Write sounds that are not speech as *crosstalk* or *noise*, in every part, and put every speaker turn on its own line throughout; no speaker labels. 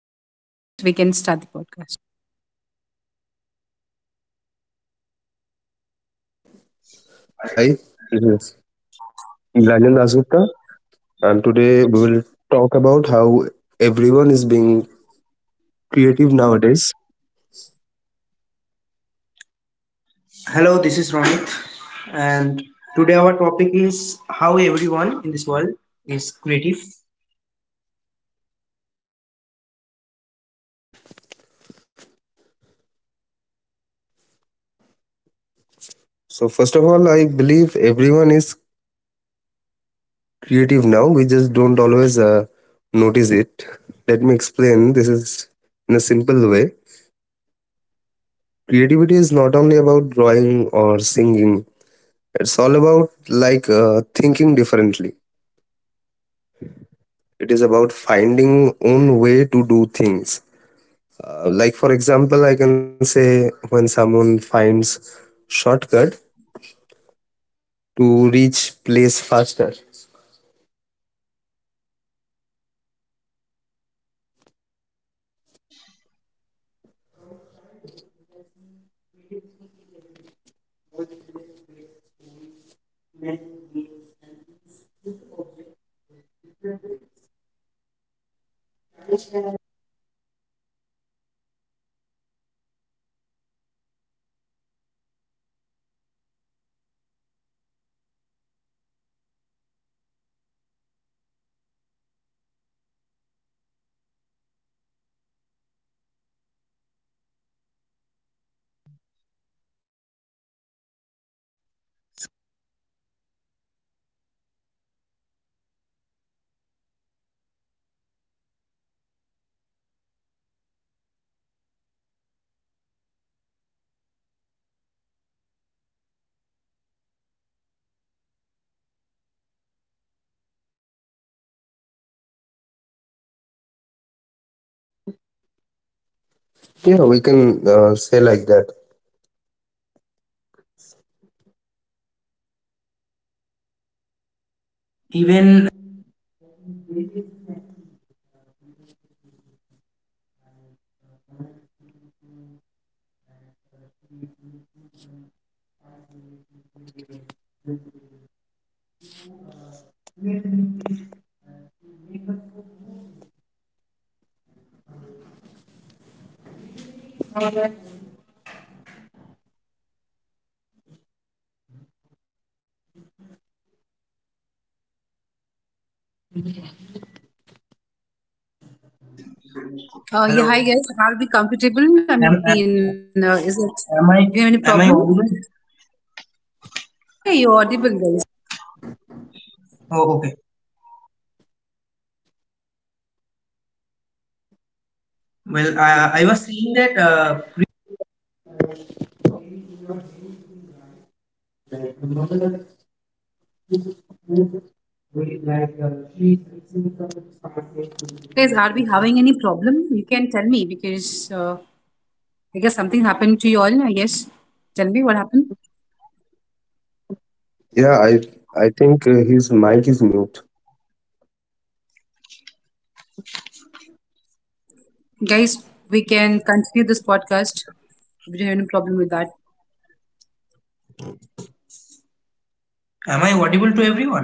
All right, guys, we can start the podcast.
Hi, this is Nilanjan Dasgupta, and today we will talk about how everyone is being creative nowadays.
Hello, this is Ronit, and today our topic is how everyone in this world is creative.
So, first of all, I believe everyone is creative now, we just don't always notice it. Let me explain this is in a simple way. Creativity is not only about drawing or singing, it's all about like thinking differently. It is about finding own way to do things. Like for example, I can say when someone finds shortcut to reach place faster. Yeah, we can say like that.
Even
Yeah, hi
hello,
guys. Are we comfortable?
am, am,
Is it?
am I
Do you have any
am I
problem?
audible?
Yeah, yeah, you're audible, guys.
Oh, okay. Well, I was saying that
Guys, are we having any problem? You can tell me because uh, I guess something happened to you all. I guess. Tell me what happened,
Yeah, I think his mic is mute.
guys. We can continue this podcast. If you have any problem with that,
am I audible to everyone?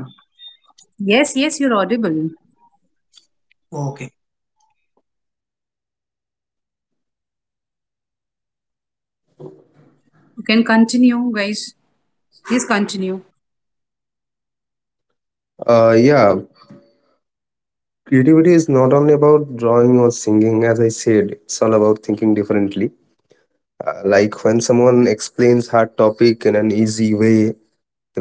yes, yes, you're audible.
Oh, okay.
You can continue, guys. Please continue.
Yeah, creativity is not only about drawing or singing. As I said, it's all about thinking differently. Like when someone explains hard topic in an easy way,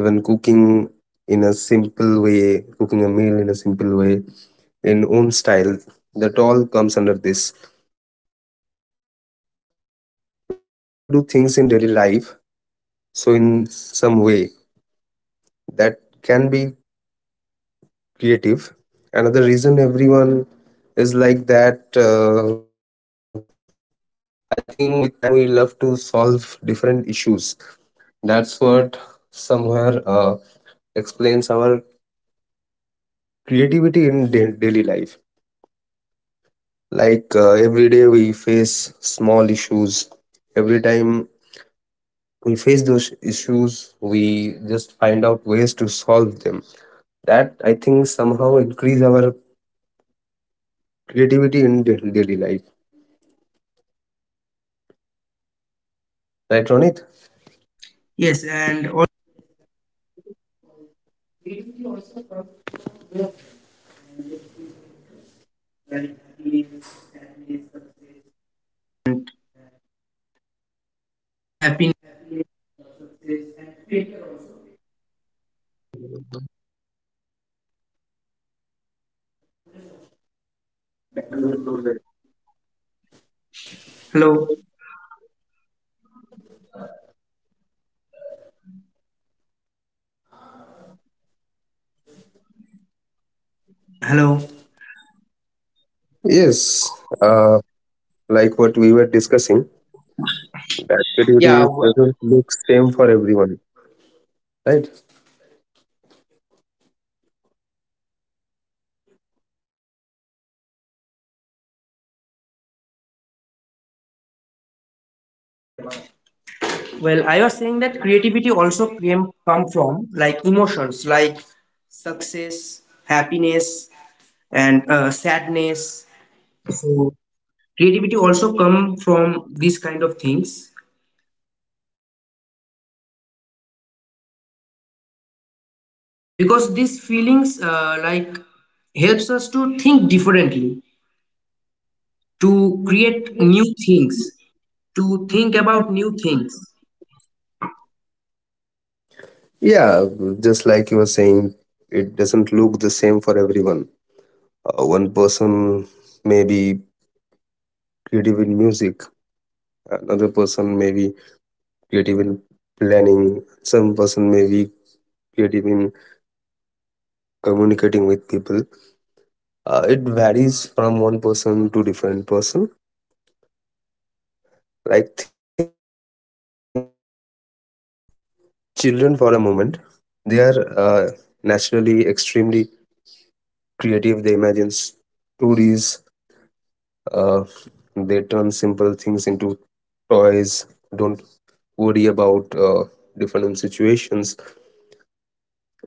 even cooking in a simple way, cooking a meal in a simple way, in own style, that all comes under this. Like we all do things in daily life, so in some way that can be creative. Another reason everyone is like that, uh, I think with time we love to solve different issues. That's what somewhere explains our creativity in daily life. Like every day we face small issues. Every time we face those issues, we just find out ways to solve them. That I think somehow increase our creativity in daily life. Right, Ronit?
Yes, and all happy. Hello, hello.
Yes. Like what we were discussing, that
Yeah.
creativity is, doesn't look same for everyone, right?
Well, I was saying that creativity also came come from, like, emotions, like success, happiness, and sadness. So creativity also come from these kind of things, because these feelings, like, helps us to think differently, to create new things, to think about new things.
Yeah, just like you were saying, it doesn't look the same for everyone. One person may be creative in music, another person may be creative in planning, some person may be creative in communicating with people. It varies from one person to different person. Like think about children for a moment. They are uh, naturally extremely creative. They imagine stories, uh, they turn simple things into toys, don't worry about different situations.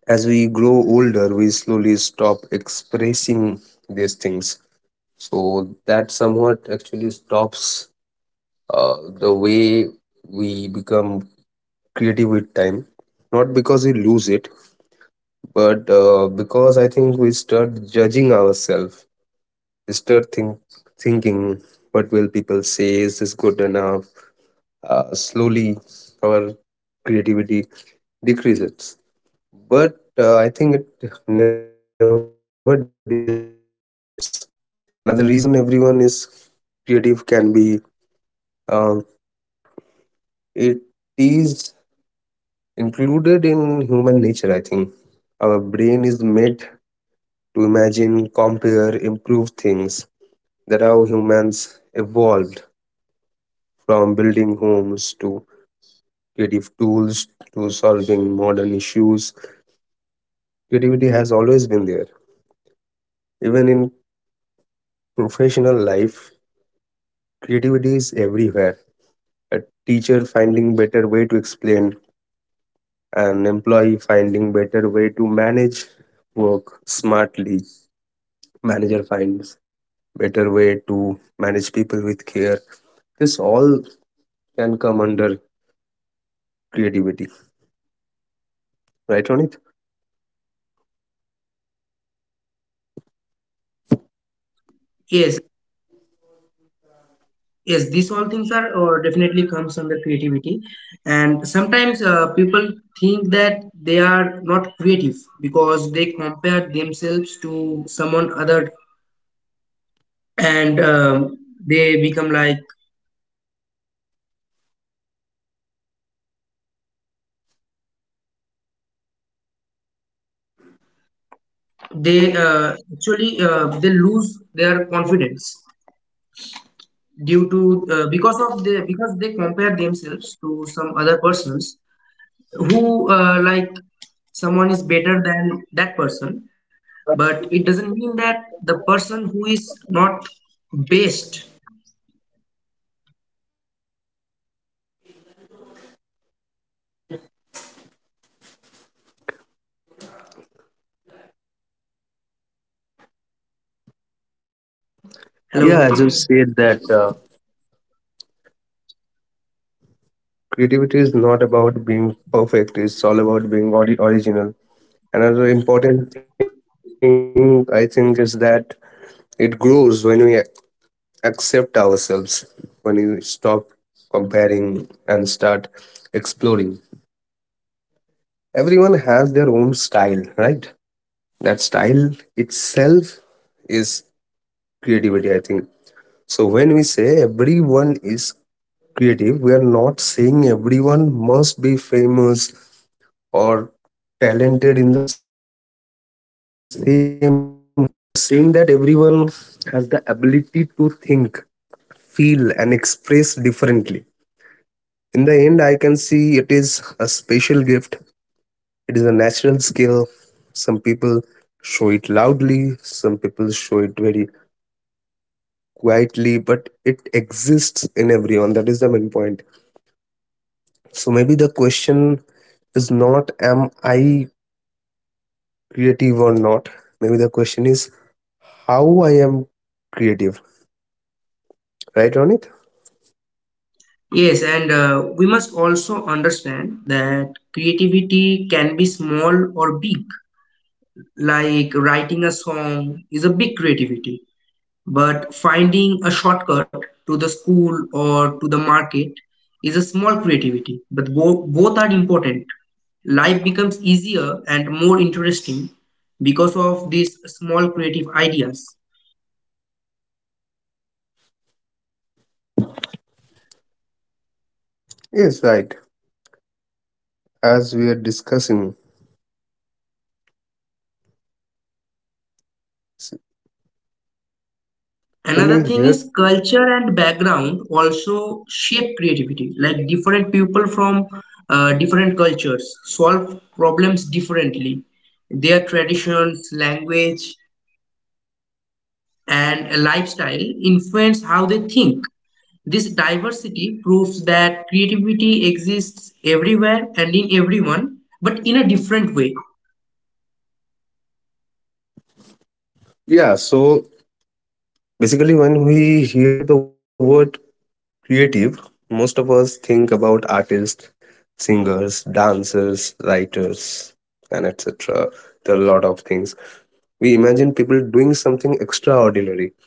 As we grow older we slowly stop expressing these things, so that somewhat actually stops the way we become creative with time. Not because we lose it, but because I think we start judging ourselves. We start thinking what will people say, is this good enough. Slowly our creativity decreases, but I think it never disappears. Another reason everyone is creative can be, uh, it is included in human nature, I think. Our brain is made to imagine, compare, improve things. That how humans evolved, from building homes to creative tools to solving modern issues. Creativity has always been there. Even in professional life, creativity is everywhere. Teacher finding better way to explain, an employee finding better way to manage work smartly, manager finds better way to manage people with care. This all can come under creativity, right, on it
Yes, yes, these all things are or definitely comes under creativity. And sometimes, people think that they are not creative because they compare themselves to someone other, and they become like, they actually they lose their confidence due to, because of the, because they compare themselves to some other persons who, like, someone is better than that person. But it doesn't mean that the person who is not based.
Yeah,
Hello.
as you said that, creativity is not about being perfect, it's all about being original. Another important thing I think is that it grows when we accept ourselves, when you stop comparing and start exploring. Everyone has their own style, right? That style itself is creativity, I think. So when we say everyone is creative, we are not saying everyone must be famous or talented in the same way. We're saying that everyone has the ability to think, feel, and express differently. In the end, I can see it is a special gift, it is a natural skill. Some people show it loudly, some people show it very quietly, but it exists in everyone. That is the main point. So maybe the question is not am I creative or not, maybe the question is how I am creative, right, on it
Yes, and we must also understand that creativity can be small or big. Like, writing a song is a big creativity, but finding a shortcut to the school or to the market is a small creativity. But both are important. Life becomes easier and more interesting because of these small creative ideas.
yes, right, as we are discussing
Another
when
thing
we
is,
hear.
culture and background also shape creativity. Like, different people from different cultures solve problems differently. Their traditions, language, and lifestyle influence how they think. This diversity proves that creativity exists everywhere and in everyone, but in a different way.
Yeah, so basically when we hear the word creative, most of us think about artists, singers, dancers, writers and etc. There are a lot of things we imagine people doing something extraordinary.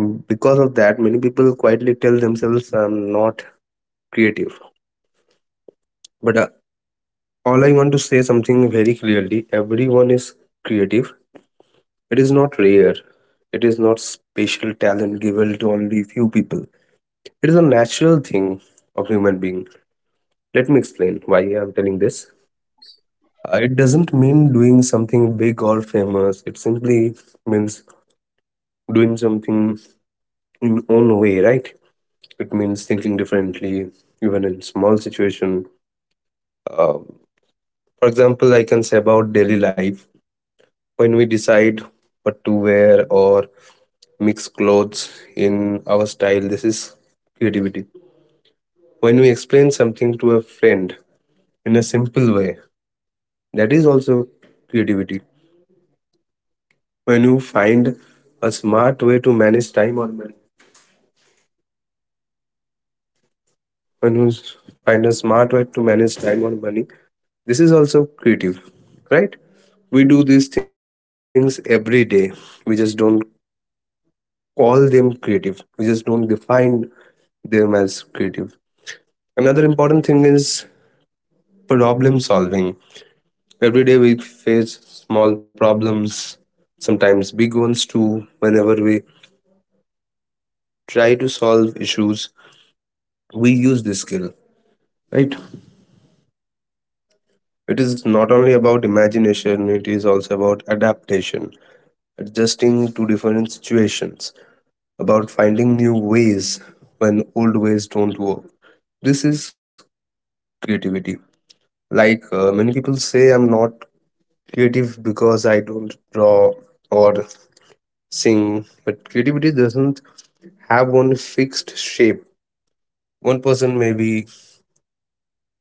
Because of that many people quietly tell themselves I'm not. But All I want to say something very clearly. Everyone is creative. It is not rare. It is not special talent given to only few people. It is a natural thing of human being. Let me explain why I am telling this. It doesn't mean doing something big or famous. It simply means doing something in own way, right? It means thinking differently, even in small situation. Uh, for example, I can say about daily life, when we decide what to wear or mix clothes in our style, this is creativity. When we explain something to a friend in a simple way, that is also creativity. When you find a smart way to manage time or money, when you find a smart way to manage time or money, this is also creative, right? We do these things every day, we just don't call them creative, we just don't define them as creative. Another important thing is problem solving. Every day we face small problems, sometimes big ones too. Whenever we try to solve issues, we use this skill, right? It is not only about imagination, it is also about adaptation, adjusting to different situations, about finding new ways when old ways don't work. This is creativity. Like many people say, I'm not creative because I don't draw or sing, but creativity doesn't have one fixed shape. One person may be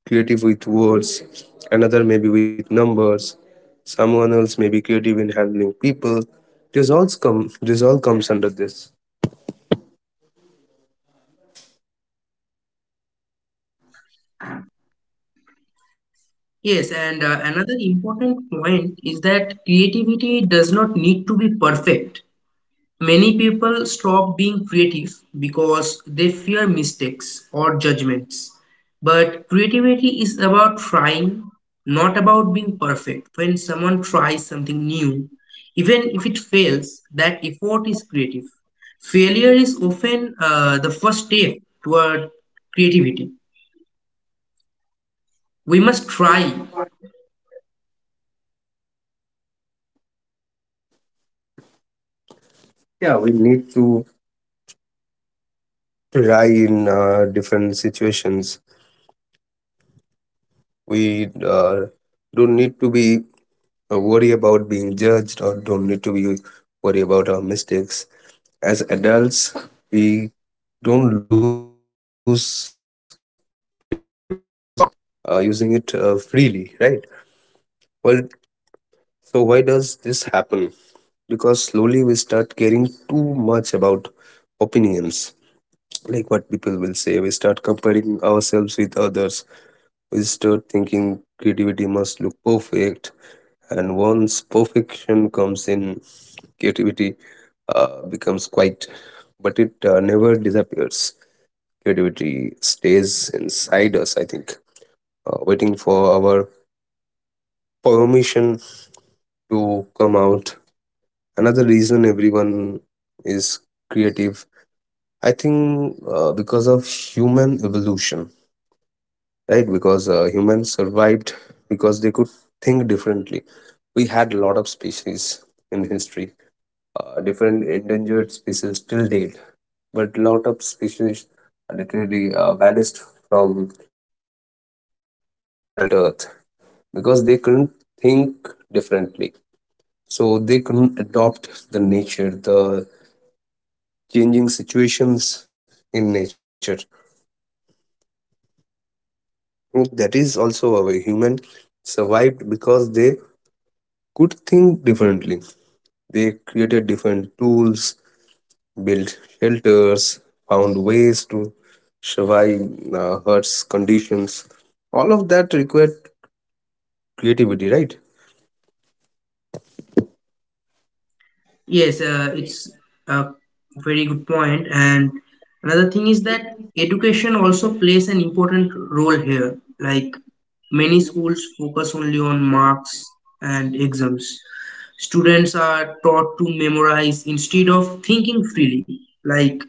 creative with words, another may be with numbers, someone else may be creative in handling people. This all comes under this.
Yes, and another important point is that creativity does not need to be perfect. Many people stop being creative because they fear mistakes or judgments. But creativity is about trying, not about being perfect. When someone tries something new, even if it fails, that effort is creative. Failure is often, the first step toward creativity. We must try.
Yeah, we need to try in different situations. We uh, don't need to be worry about being judged, or don't need to be worry about our mistakes. As adults we don't lose creativity, we just stop using it freely, right? Well, so why does this happen? Because slowly we start caring too much about opinions, like what people will say. We start comparing ourselves with others, we start thinking creativity must look perfect, and once perfection comes in, creativity becomes quiet, but it never disappears. Creativity stays inside us, I think, waiting for our permission to come out. Another reason everyone is creative, I think, because of human evolution, right? Because humans survived because they could think differently. We had a lot of species in history, different endangered species till date, but lot of species are literally vanished from planet earth because they couldn't think differently. So they couldn't adopt the nature, the changing situations in nature. That is also how a human survived, because they could think differently. They created different tools, built shelters, found ways to survive hurts, conditions. All of that required creativity, right?
Yes, it's a very good point. And another thing is that education also plays an important role here. Like, many schools focus only on marks and exams. Students are taught to memorize instead of thinking freely. Like,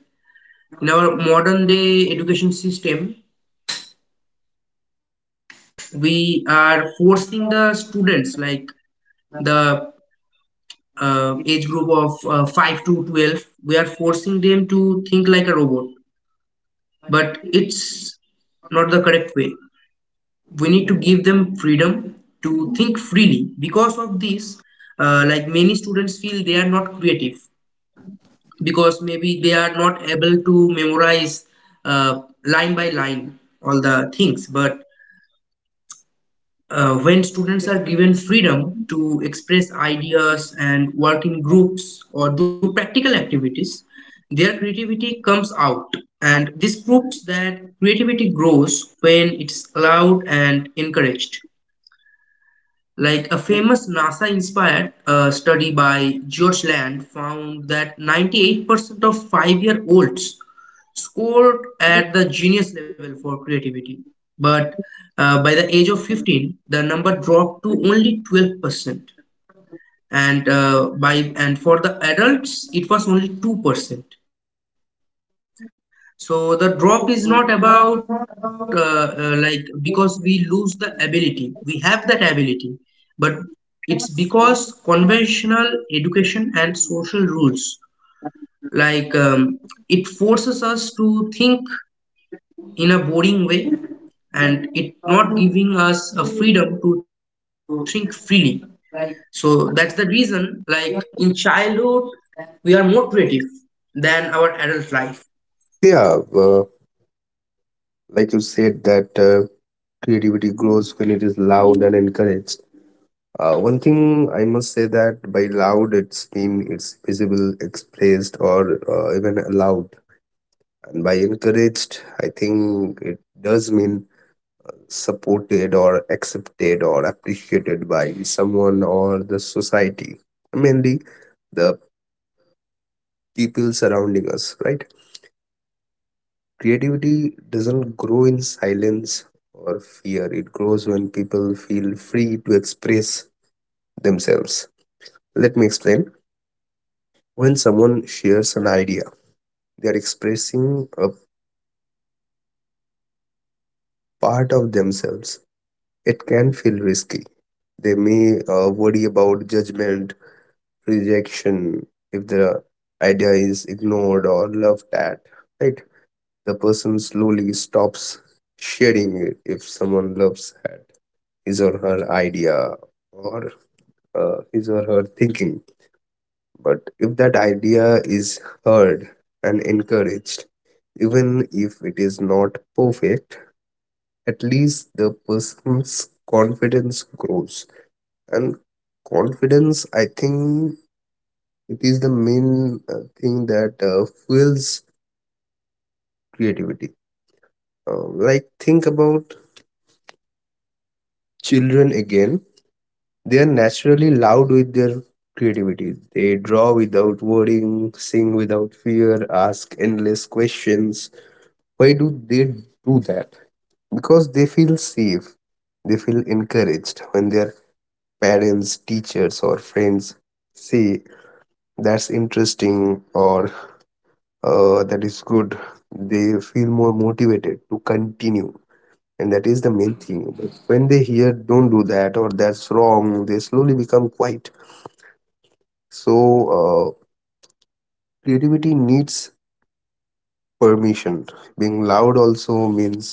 in our modern day education system, we are forcing the students, like the age group of 5 to 12, we are forcing them to think like a robot, but it's not the correct way. We need to give them freedom to think freely. Because of this, like, many students feel they are not creative because maybe they are not able to memorize line by line all the things. But when students are given freedom to express ideas and work in groups or do practical activities, their creativity comes out. And this proves that creativity grows when it's allowed and encouraged. Like a famous NASA inspired study by George Land found that 98% of 5-year olds scored at the genius level for creativity. But by the age of 15, the number dropped to only 12%. And for the adults, it was only 2%. So the drop is not about, like, because we lose the ability. We have that ability, but it's because conventional education and social rules, like it forces us to think in a boring way and it not giving us a freedom to think freely. So that's the reason, like, in childhood we are more creative than our adult life.
Yeah, like you said that. Creativity grows when it is loud and encouraged. One thing I must say that by loud, it's mean it's visible, expressed, or even allowed. And by encouraged, I think it does mean supported or accepted or appreciated by someone or the society, mainly the people surrounding us, right? Creativity doesn't grow in silence or fear, it grows when people feel free to express themselves. Let me explain. When someone shares an idea, they are expressing a part of themselves. It can feel risky. They may worry about judgment, rejection, if the idea is ignored or laughed at. Right? The person slowly stops sharing it if someone loves at his or her idea or his or her thinking. But if that idea is heard and encouraged, even if it is not perfect, at least the person's confidence grows. And confidence, I think, it is the main thing that fuels creativity. Like, think about children again. They are naturally loud with their creativity. They draw without worrying, sing without fear, ask endless questions. Why do they do that? Because they feel safe, they feel encouraged. When their parents, teachers or friends say that's interesting or that is good, they feel more motivated to continue, and that is the main thing. But when they hear don't do that or that's wrong, they slowly become quiet. So uh, creativity needs permission. Being loud also means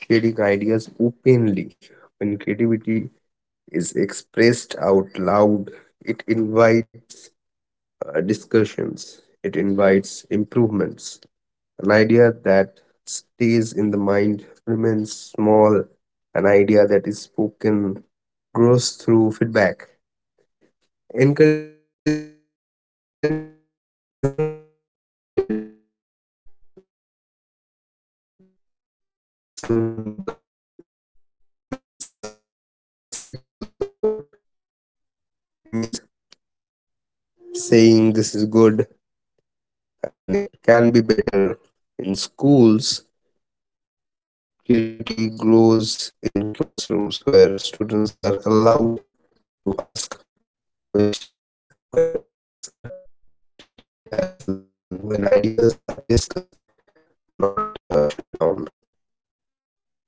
sharing ideas openly. When creativity is expressed out loud, it invites discussions, it invites improvements. An idea that stays in the mind remains small, an idea that is spoken grows through feedback. Encouragement doesn't mean doesn't mean to praise someone blindly. It means respectful support. It means saying this is good and it can be better. In schools, creativity grows in classrooms where students are allowed to ask questions, when mistakes are treated as learning, when ideas are discussed, not shut down. On the other hand, we can.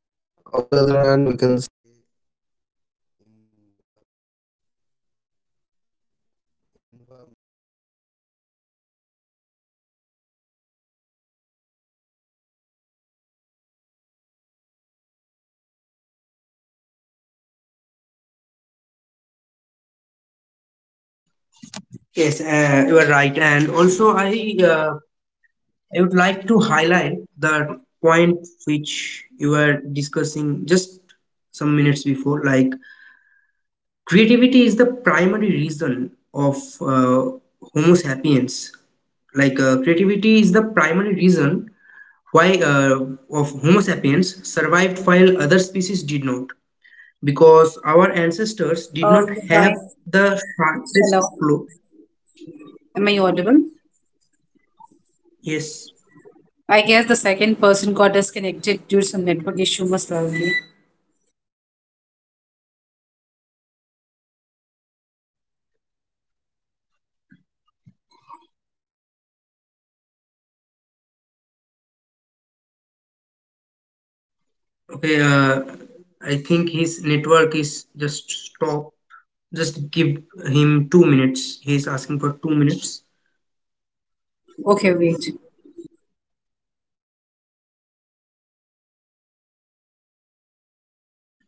Yes, you are right. And also, uh, I would like to highlight the point which you were discussing just some minutes before. Like, creativity is the primary reason of Homo sapiens. Like, creativity is the primary reason why of Homo sapiens survived while other species did not. Because our ancestors
Uh,
did not
Hi.
have the
Hello.
sharpest claw.
Am I audible?
Yes.
I guess the second person got disconnected due to some network issue, most probably.
Okay. I think his network is just stopped. Just give him 2 minutes. He's asking for 2 minutes.
Okay, wait.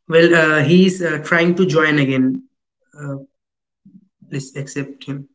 Well, he's trying to join again. Uh, please accept him.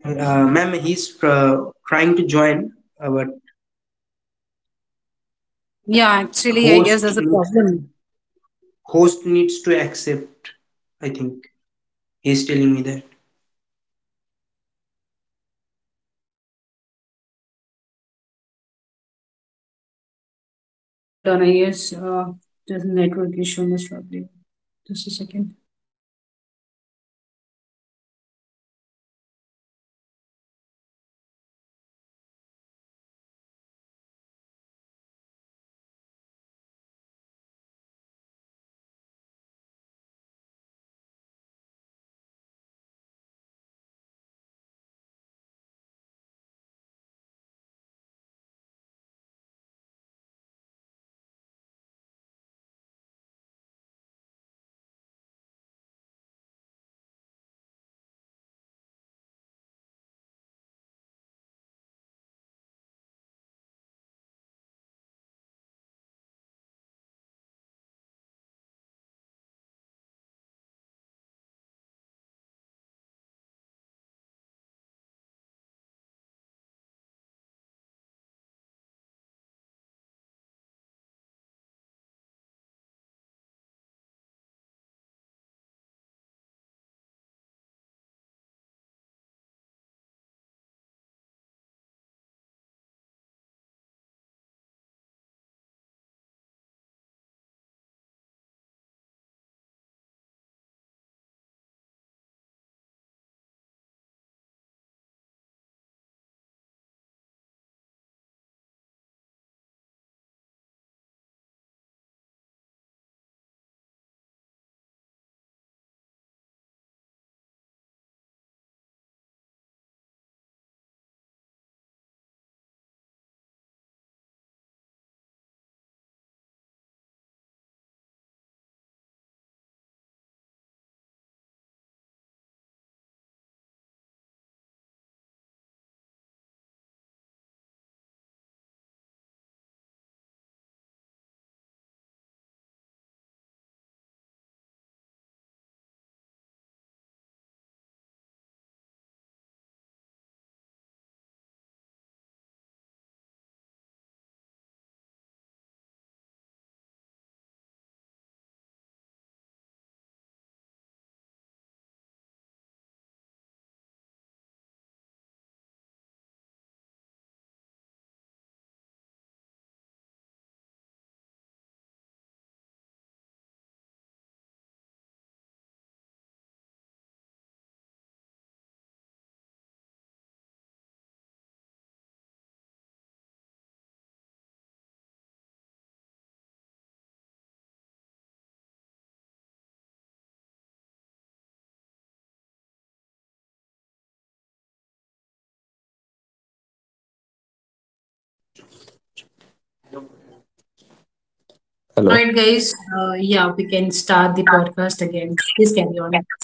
Ma'am, he's trying to join, but
Yeah, actually, I guess there's
host
a
needs
problem.
to, host needs to accept. I think he's telling me that.
Hold on, I guess there's a network issue, most probably. Just a second. All
Hello.
right, guys. Yeah, we can start the podcast again. Please carry on.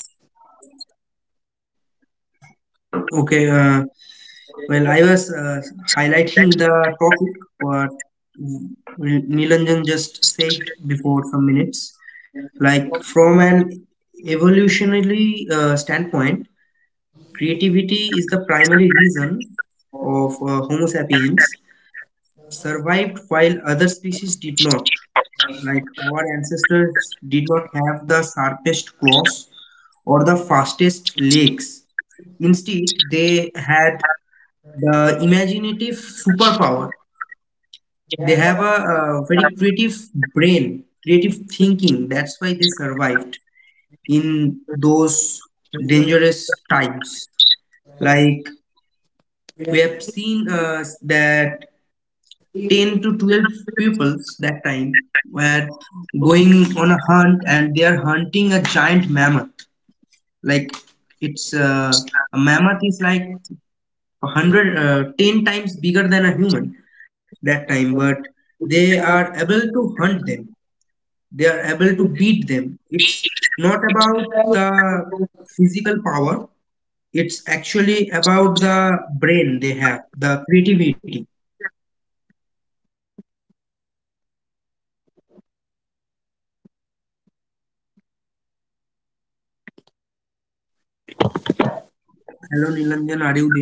Okay, well, I was highlighting the topic what Nilanjan just said before some minutes. Like, from an evolutionary standpoint, creativity is the primary reason of Homo sapiens survived while other species did not. Like, our ancestors did not have the sharpest claws or the fastest legs. Instead, they had the imaginative superpower. They have a very creative brain, creative thinking. That's why they survived in those dangerous times. Like, we have seen that 10 to 12 peoples that time were going on a hunt, and they are hunting a giant mammoth. Like, it's a mammoth is like 100, 10 times bigger than a human that time, but they are able to hunt them, they are able to beat them. It's not about the physical power, it's actually about the brain, they have the creativity. Hello, Nilanjan, are you there?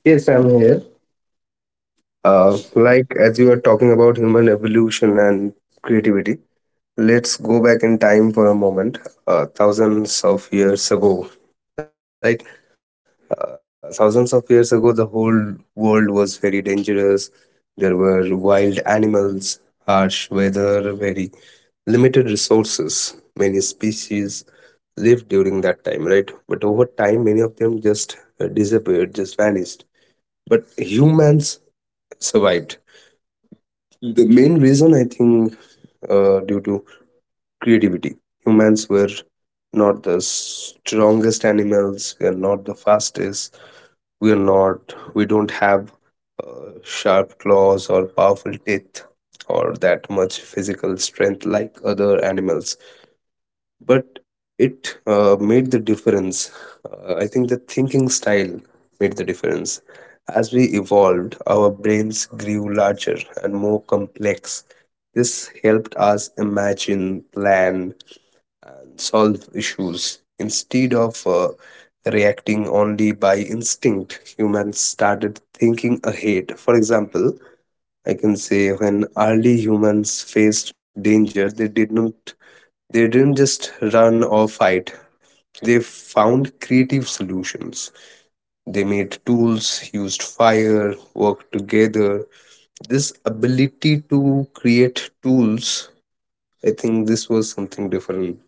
Yes, I'm here. Like as you are talking about human evolution and creativity, let's go back in time for a moment. Thousands of years ago, right? Thousands of years ago, the whole world was very dangerous. There were wild animals, harsh weather, very limited resources. Many species lived during that time, right? But over time, many of them just disappeared, just vanished. But humans survived. The main reason I think due to creativity. Humans were not the strongest animals. We are not the fastest. We are not. We don't have sharp claws or powerful teeth or that much physical strength like other animals. But it made the difference. I think the thinking style made the difference. As we evolved, our brains grew larger and more complex. This helped us imagine, plan, and solve issues. Instead of reacting only by instinct, humans started thinking ahead. For example, I can say when early humans faced danger, they didn't just run or fight, they found creative solutions. They made tools, used fire, worked together. This ability to create tools, I think this was something different.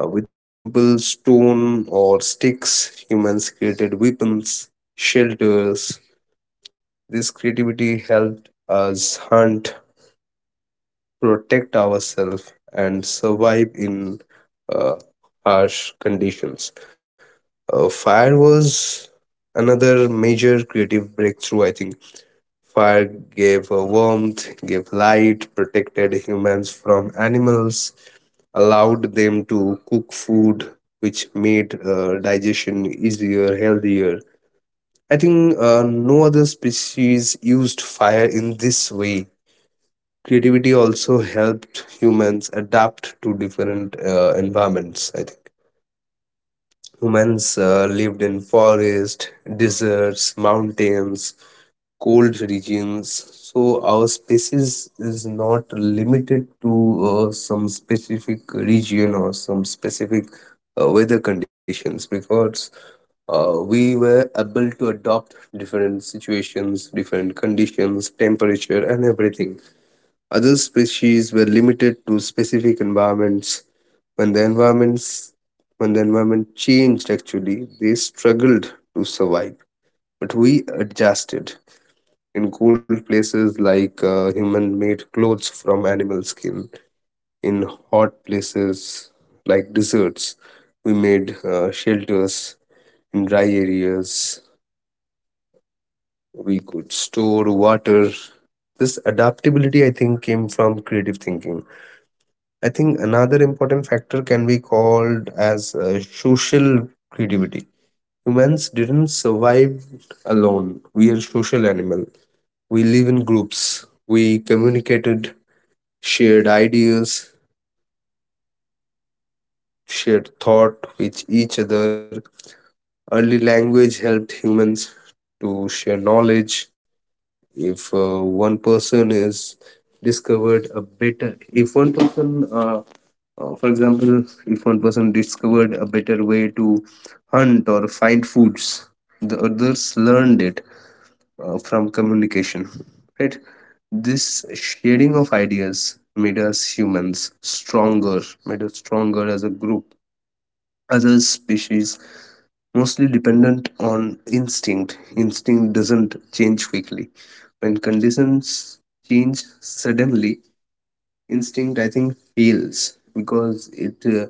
With simple stone or sticks, humans created weapons, shelters. This creativity helped us hunt, protect ourselves, and survive in uh, harsh conditions. Fire was another major creative breakthrough, I think. Fire gave warmth, gave light, protected humans from animals, allowed them to cook food, which made digestion easier, healthier. I think no other species used fire in this way. Creativity also helped humans adapt to different environments, I think. Humans lived in forests, deserts, mountains, cold regions. So our species is not limited to some specific region or some specific weather conditions, because we were able to adopt different situations, different conditions, temperature, and everything. Other species were limited to specific environments. When the environments when the environment changed actually, they struggled to survive. But we adjusted. In cool places, like human made clothes from animal skin, in hot places like deserts, we made shelters, in dry areas, we could store water. This adaptability, I think, came from creative thinking. I think another important factor can be called as social creativity. Humans didn't survive alone. We are social animal. We live in groups. We communicated, shared ideas, shared thought with each other. Early language helped humans to share knowledge. If one person is discovered a better if one person For example, if one person discovered a better way to hunt or find foods, the others learned it from communication, right? This sharing of ideas made us humans stronger, made us stronger as a group, as a species, mostly dependent on instinct. Instinct doesn't change quickly. When conditions change suddenly, instinct I think fails because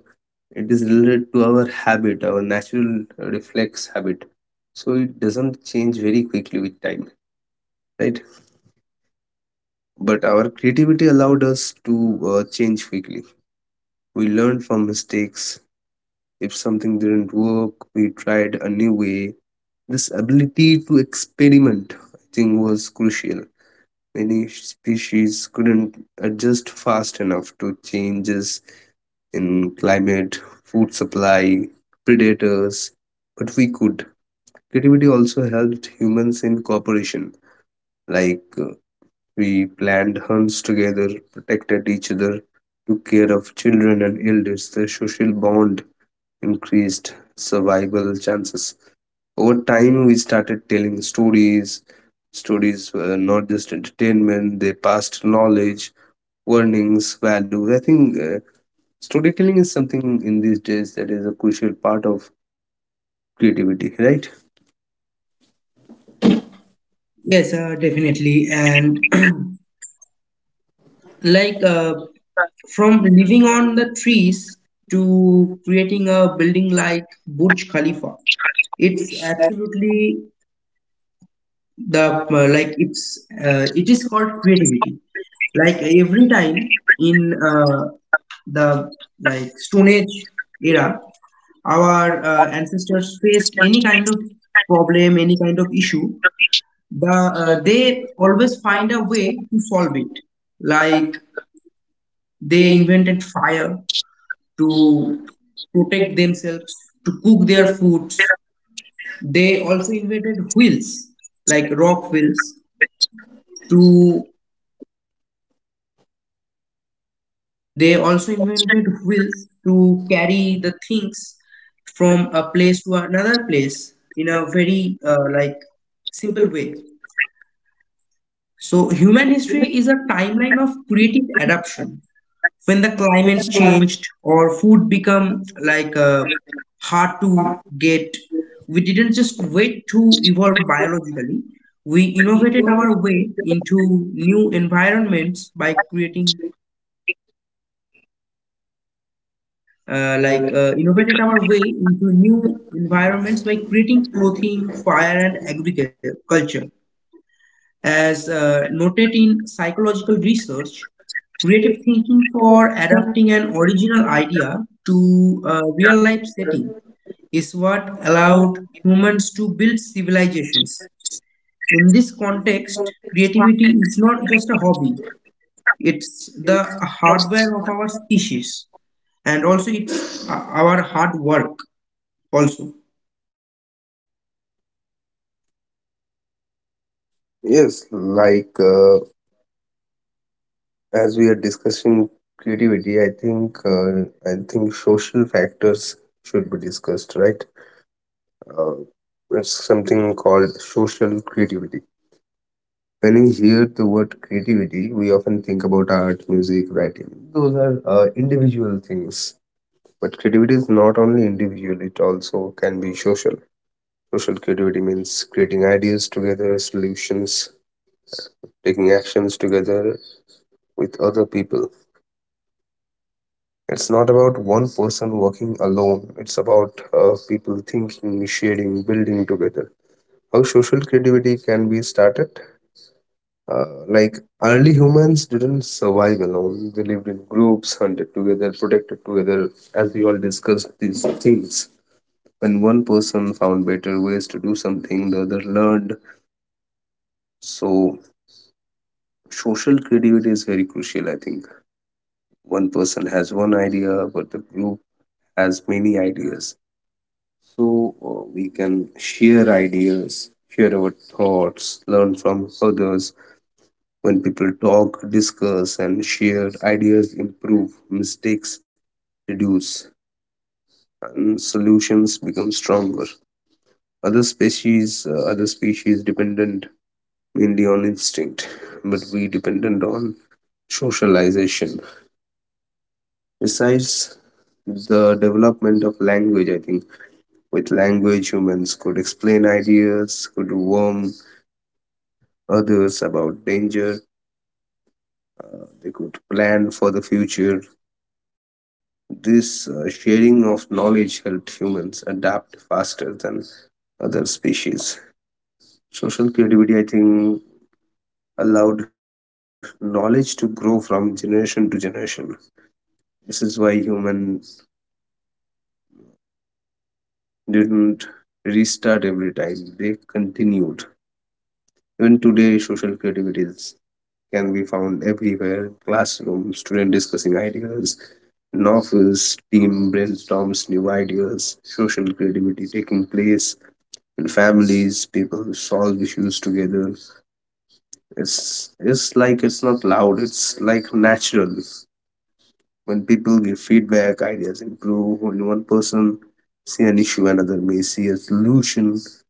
it is related to our habit, our natural reflex habit. So it doesn't change very quickly with time, right? But our creativity allowed us to change quickly. We learned from mistakes. If something didn't work, we tried a new way. This ability to experiment, I think, was crucial. Many species couldn't adjust fast enough to changes in climate, food supply, predators, but we could. Creativity also helped humans in cooperation, like we planned hunts together, protected each other, took care of children and elders. The social bond increased survival chances. Over time, we started telling stories. Stories were not just entertainment, they passed knowledge, warnings, values. I think storytelling is something in these days that is a crucial part of creativity, right?
Yes, definitely. And *clears throat* like, from living on the trees to creating a building like Burj Khalifa, it's absolutely the like it's it is called creativity. Like, every time in, the, like, stone age era, our ancestors faced any kind of problem, any kind of issue, the they always find a way to solve it. Like, they invented fire to protect themselves, to cook their foods. They also invented wheels, like rock wheels, to They also invented wheels to carry the things from a place to another place in a very, like, simple way. So human history is a timeline of creative adaptation. When the climate changed or food become, like, hard to get, we didn't just wait to evolve biologically. We innovated our way into new environments by creating, innovated our way into new environments by creating clothing, fire, and agriculture. As, noted in psychological research, creative thinking for adapting an original idea to a real life setting is what allowed humans to build civilizations. In this context, creativity is not just a hobby, it's the hardware of our species, and also it's our hard work also.
Yes, like as we are discussing creativity, I think social factors should be discussed, right? uh, it's something called social creativity. When we hear the word creativity, we often think about art, music, writing. Those are individual things. But creativity is not only individual, it also can be social. Social creativity means creating ideas together, solutions, taking actions together with other people. It's not about one person working alone, it's about people thinking, sharing, building together. How social creativity can be started? Like, early humans didn't survive alone. They lived in groups, hunted together, protected together. As we all discussed these things, when one person found better ways to do something, the other learned. So social creativity is very crucial. I think one person has one idea, but the group has many ideas. So we can share ideas, share our thoughts, learn from others. When people talk, discuss, and share, ideas improve, mistakes reduce, and solutions become stronger. Other species, other species dependent mainly on instinct, but we dependent on socialization. Besides the development of language, I think with language, humans could explain ideas, could warn others about danger, they could plan for the future. This sharing of knowledge helped humans adapt faster than other species. Social creativity, I think, allowed knowledge to grow from generation to generation. This is why humans didn't restart every time, they continued. Even today, can be found everywhere. Classroom, student discussing ideas, novels, team brainstorms new ideas, social creativity taking place. And families, people who solve issues together. It's like it's not loud. It's like natural. When people give feedback, ideas improve. When one person see an issue, another may see a solution.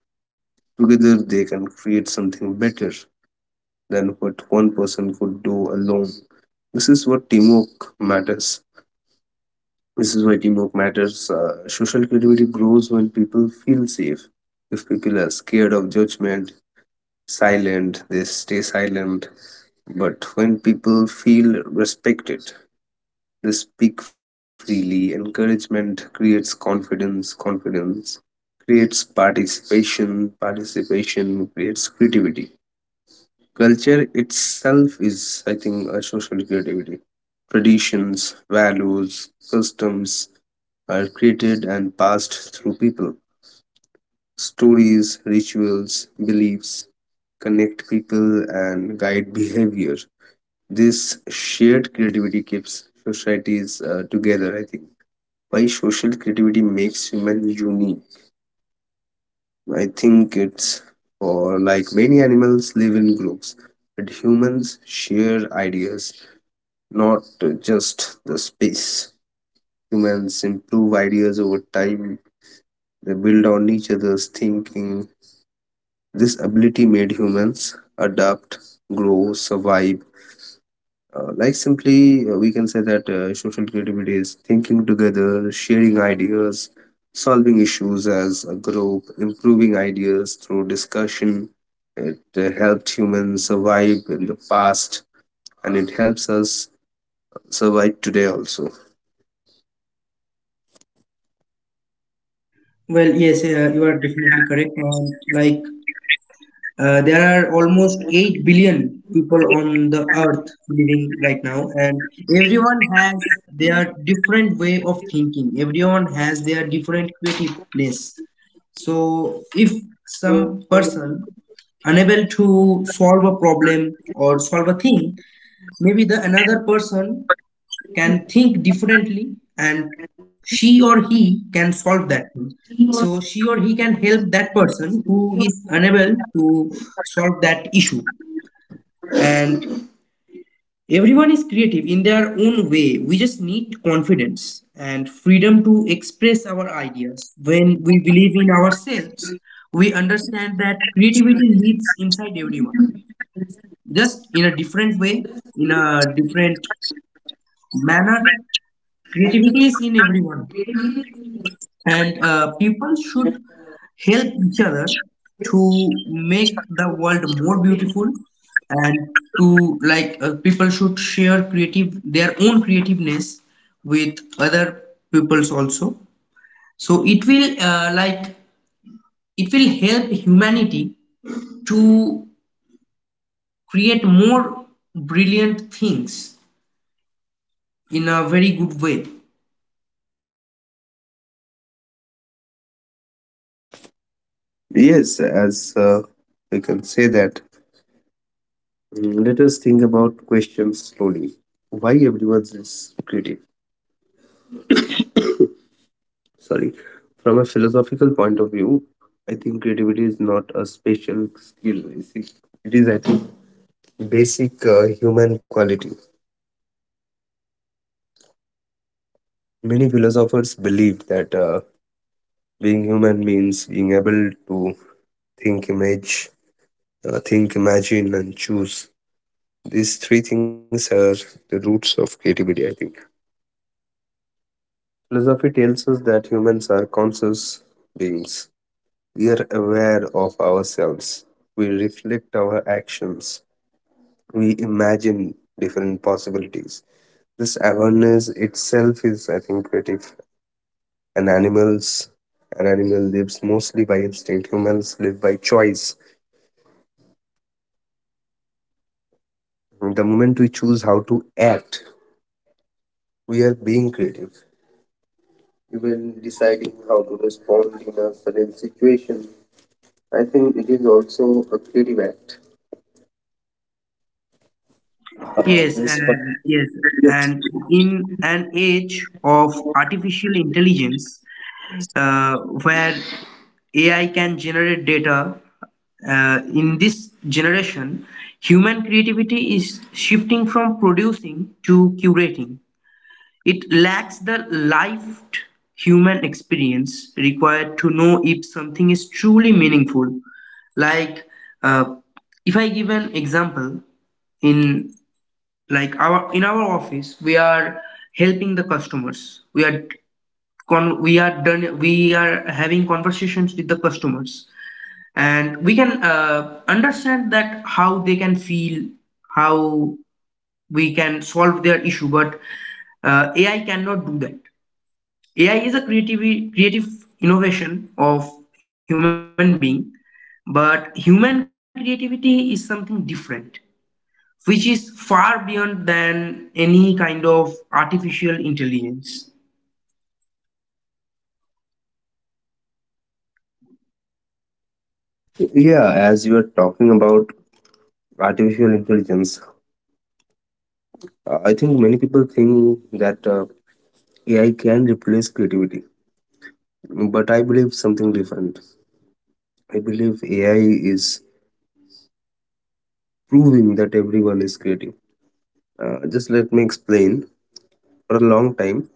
Together, they can create something better than what one person could do alone. This is what teamwork matters. This is why teamwork matters. Social creativity grows when people feel safe. If people are scared of judgment, silent, they stay silent. But when people feel respected, they speak freely. Encouragement creates confidence, confidence creates participation, participation creates creativity. Culture itself is, I think, a social creativity. Traditions, values, customs are created and passed through people. Stories, rituals, beliefs connect people and guide behavior. This shared creativity keeps societies together, I think. Why social creativity makes human unique? I think it's for, like, many animals live in groups, but humans share ideas, not just the space. Humans improve ideas over time, they build on each other's thinking. This ability made humans adapt, grow, survive. Like simply, we can say that social creativity is thinking together, sharing ideas, solving issues as a group, improving ideas through discussion. It helped humans survive in the past, and it helps us survive today also.
Well, yes, you are definitely correct. And, like, there are almost 8 billion people on the earth living right now, and everyone has their different way of thinking, everyone has their different creativeness. So, if some person unable to solve a problem or solve a thing, maybe the another person can think differently and she or he can solve that thing. So she or he can help that person who is unable to solve that issue. And everyone is creative in their own way. We just need confidence and freedom to express our ideas. When we believe in ourselves, we understand that creativity lives inside everyone, just in a different way, in a different manner. Creativity is in everyone. And people should help each other to make the world more beautiful, and to, like, people should share creative their own creativeness with other peoples also, so it will, like, it will help humanity to create more brilliant things in a very good way.
Yes, as we can say that. Mm, let us think about questions slowly. Why everyone is sorry From a philosophical point of view, I think creativity is not a special skill. It is, I think, basic human quality. Many philosophers believe that being human means being able to think image think, imagine, and choose. These three things are the roots of creativity, I think. Philosophy tells us that humans are conscious beings. We are aware of ourselves. We reflect our actions. We imagine different possibilities. This awareness itself is, I think, creative. And animals, an animal lives mostly by instinct. Humans live by choice. The moment we choose how to act, we are being creative. Even deciding how to respond in a certain situation, I think it is also a creative act. Uh,
Yes,
this
yes, and in an age of artificial intelligence, where AI can generate data, in this generation, human creativity is shifting from producing to curating. It lacks the lived human experience required to know if something is truly meaningful. Like, uh, if I give an example, in, like, our in our office, we are helping the customers, we are we are done we are having conversations with the customers, and we can, understand that how they can feel, how we can solve their issue. But AI cannot do that. Ai is a creative innovation of human being, but human creativity is something different, which is far beyond than any kind of artificial intelligence.
Yeah, as you are talking about artificial intelligence, I think many people think that AI can replace creativity, but I believe something different. I believe AI is proving that everyone is creative. Just let me explain. For a long time,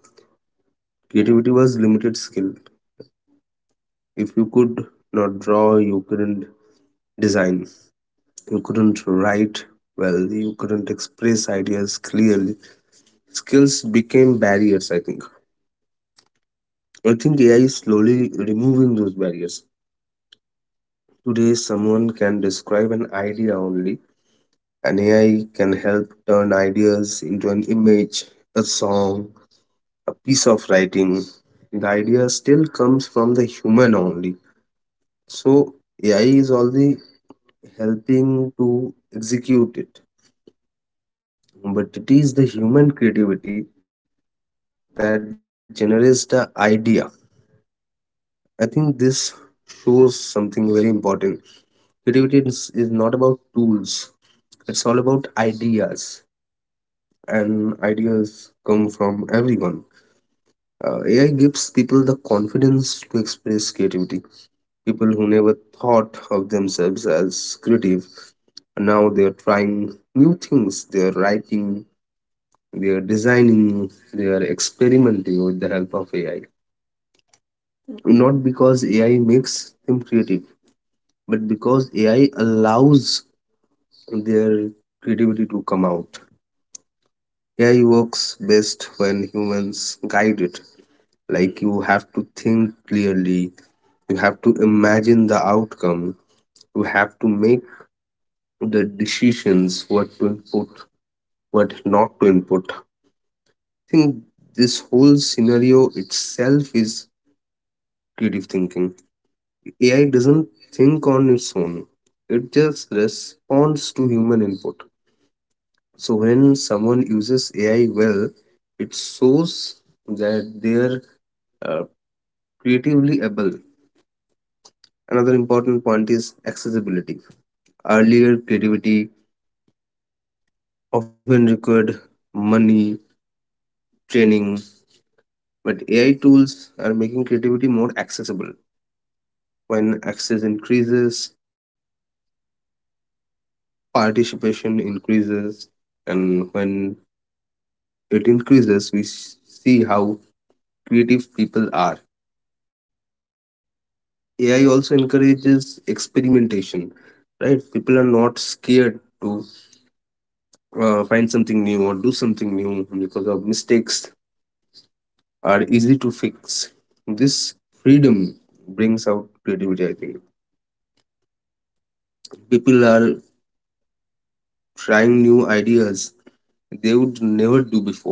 creativity was limited skill. If you could not draw, you couldn't design, you couldn't write well, you couldn't express ideas clearly. Skills became barriers, I think. I think AI is slowly removing those barriers. Today, someone can describe an idea only, and AI can help turn ideas into an image, a song, a piece of writing. The idea still comes from the human only. So AI is only helping to execute it, but it is the human creativity that generates the idea. I think this shows something very important. Is not about tools, it's all about ideas, and ideas come from everyone. AI gives people the confidence to express creativity. People who never thought of themselves as creative now they are trying new things. They are writing, they are designing, they are experimenting with the help of AI. Not because AI makes them creative, but because AI allows their creativity to come out. AI works best when humans guide it. Like, you have to think clearly, you have to imagine the outcome, you have to make the decisions what to input, what not to input. I think this whole scenario itself is creative thinking. AI doesn't think on its own, it just responds to human input. So when someone uses AI well, it shows that they're uh, creatively able. Another important point is accessibility. Earlier, creativity often required money, training, but AI tools are making creativity more accessible. When access increases, participation increases, and when it increases, see how creative people are. AI also encourages experimentation, right? People are not scared to find something new or do something new because of mistakes are easy to fix. This freedom brings out creativity, I think. People are trying new ideas they would never do before.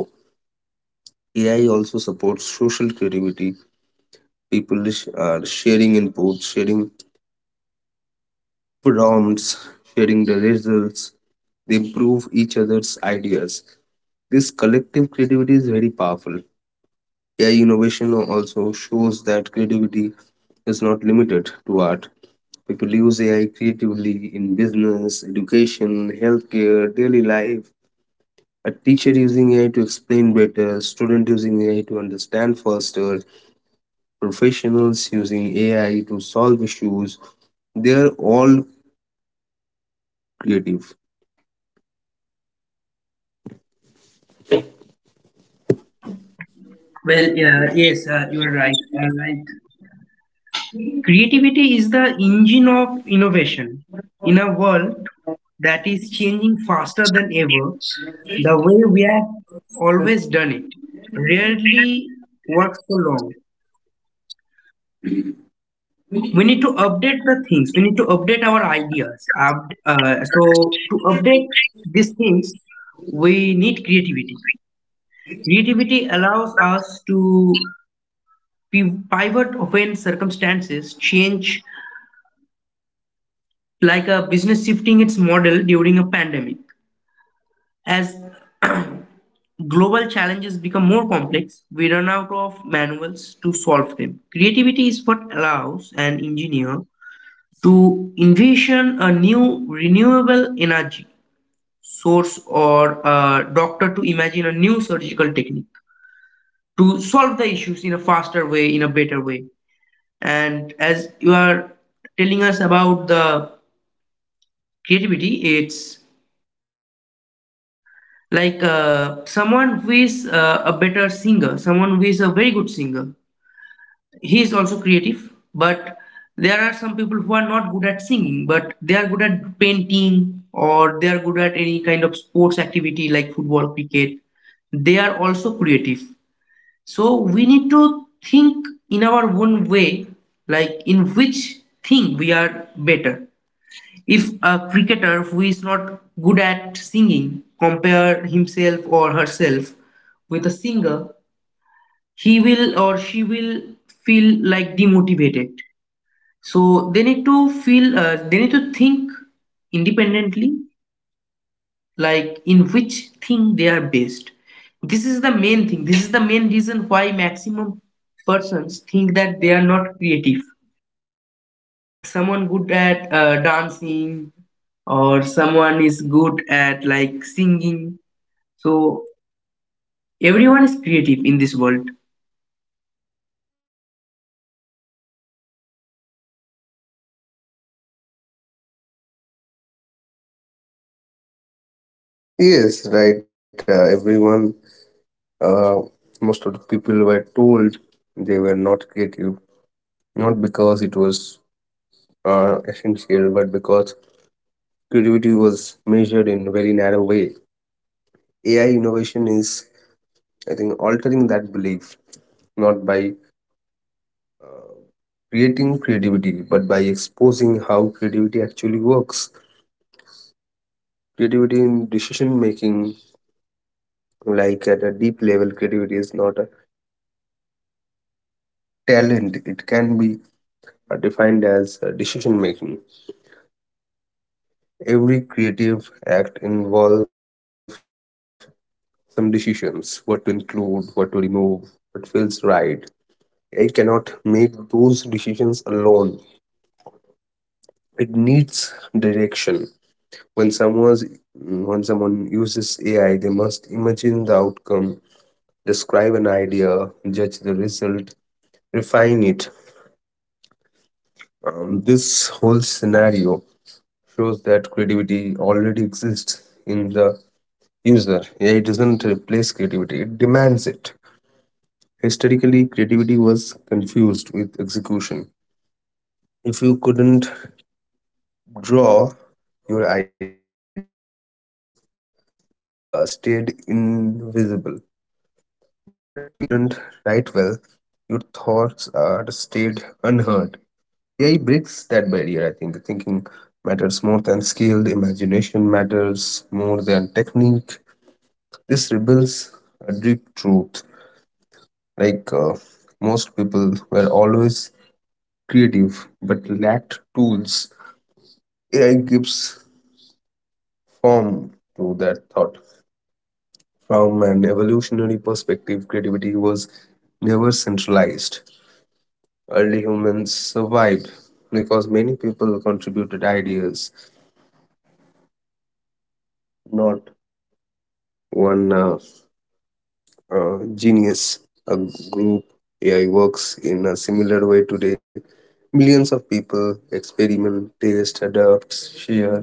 AI also supports social creativity. People are sharing inputs, sharing prompts, sharing the results. They improve each other's ideas. This collective creativity is very powerful. AI innovation also shows that creativity is not limited to art. People use AI creatively in business, education, healthcare, daily life. A teacher using AI to explain better, student using AI to understand faster, professionals using AI to solve issues. They are all creative.
Well, yes, you are right. Right. Creativity is the engine of innovation. In a world that is changing faster than ever, the way we have always done it rarely works for long. We need to update the things. We need to update our ideas. So to update these things, we need creativity. Creativity allows us to pivot when circumstances change, like a business shifting its model during a pandemic. As *clears throat* global challenges become more complex, we run out of manuals to solve them. Creativity is what allows an engineer to envision a new renewable energy source, or a doctor to imagine a new surgical technique to solve the issues in a faster way, in a better way. And as you are telling us about the creativity, it's like, someone who is a better singer, someone who is a very good singer, he is also creative. But there are some people who are not good at singing, but they are good at painting, or they are good at any kind of sports activity like football, cricket, they are also creative. So we need to think in our own way, like, in which thing we are better. If a cricketer who is not good at singing compare himself or herself with a singer, he will or she will feel like demotivated. So they need to feel, they need to think independently, like, in which thing they are best. This is the main thing. This is the main reason why maximum persons think that they are not creative. Someone good at dancing, or someone is good at, like, singing. So everyone is creative in this world.
Yes, right. Everyone, uh, most of the people were told they were not creative, not because it was are essential, but because creativity was measured in a very narrow way. AI innovation is, I think, altering that belief not by uh, creating creativity, but by exposing how creativity actually works. Creativity in decision making, like at a deep level, creativity is not a talent, it can be defined as decision making. Every creative act involves some decisions: what to include, what to remove, what feels right. It cannot make those decisions alone. It needs direction. When someone's when someone uses AI, they must imagine the outcome, describe an idea, judge the result, refine it. This whole scenario shows that creativity already exists in the user. AI doesn't replace creativity; it demands it. Historically, creativity was confused with execution. If you couldn't draw, your ideas stayed invisible. But if you couldn't write well, your thoughts are stayed unheard. AI breaks that barrier, I think. Thinking matters more than skill, imagination matters more than technique. This reveals a deep truth. Like, most people were always creative but lacked tools. AI gives form to that thought. From an evolutionary perspective, creativity was never centralized. Early humans survived because many people contributed ideas, not one genius. A group AI works in a similar way today. Millions of people experiment, taste, adapt, share.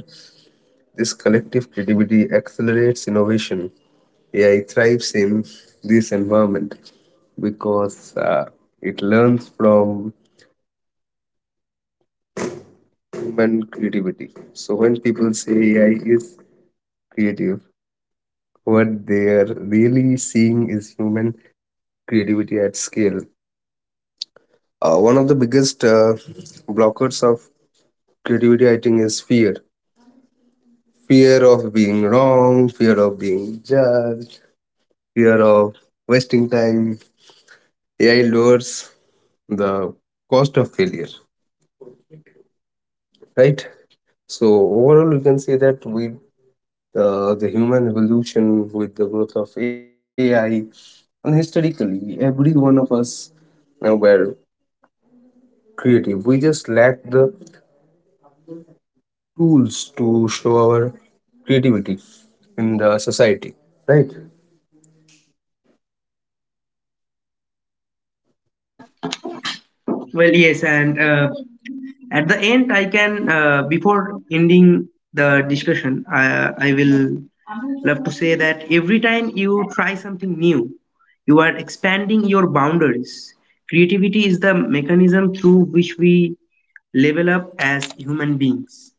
This collective creativity accelerates innovation. AI thrives in this environment because it learns from human creativity. So when people say AI is creative, what they are really seeing is human creativity at scale. One of the biggest blockers of creativity, I think, is fear. Fear of being wrong, fear of being judged, fear of wasting time. AI lowers the cost of failure, right? So overall, we can say that the human evolution with the growth of AI. And historically, every one of us were creative. We just lacked the tools to show our creativity in the society, right?
Well, yes, and at the end, I can before ending the discussion, I will love to say that every time you try something new, you are expanding your boundaries. Creativity is the mechanism through which we level up as human beings.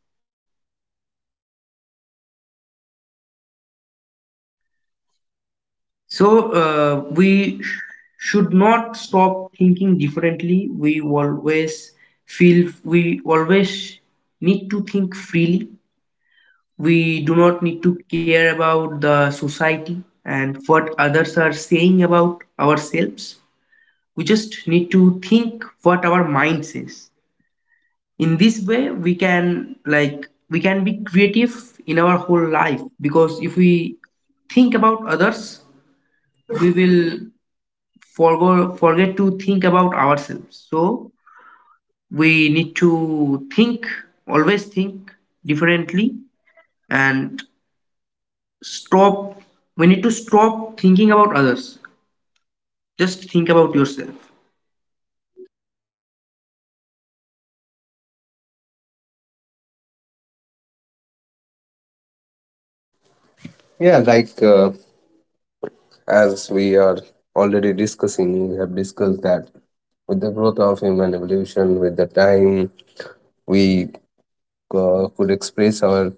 So we should not stop thinking differently. We always need to think freely. We do not need to care about the society and what others are saying about ourselves. We just need to think what our mind says. In this way, we can, like we can be creative in our whole life, because if we think about others, we will forgo forget to think about ourselves. So we need to think, always think differently, and stop. We need to stop thinking about others. Just think about yourself.
Yeah, like, as we are already discussing, we have discussed that with the growth of human evolution, with the time, we could express our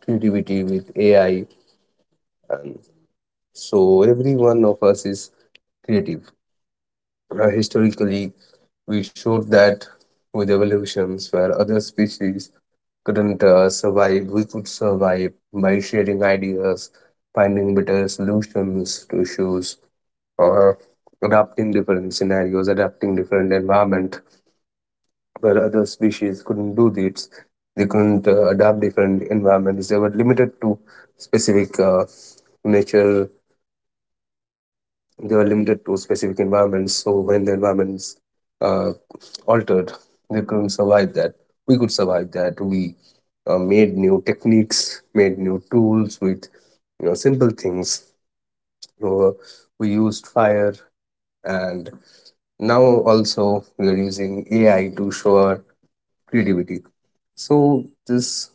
creativity with AI. So every one of us is creative. Historically, we showed that with evolutions where other species couldn't survive, we could survive by sharing ideas, finding better solutions to issues, or adapting different scenarios, adapting different environment where other species couldn't do this. They couldn't adapt different environments. They were limited to specific nature. They were limited to specific environments. So when the environments uh, altered, they couldn't survive that. We could survive that. We made new techniques, made new tools with you know simple things. You know, we used fire, and now also we are using AI to show our creativity. So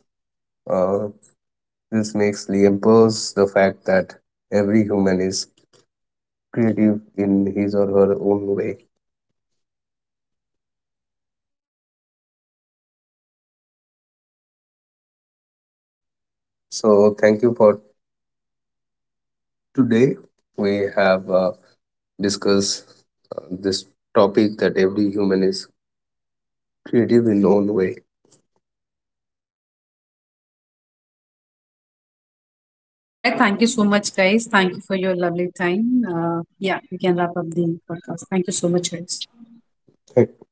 uh, this makes reinforce the fact that every human is creative in his or her own way. So thank you for today. We have discussed this topic that every human is creative in own way.
All right, thank you so much, guys. Thank you for your lovely time. Yeah, we can wrap up the podcast. Thank you so much, guys.
Thank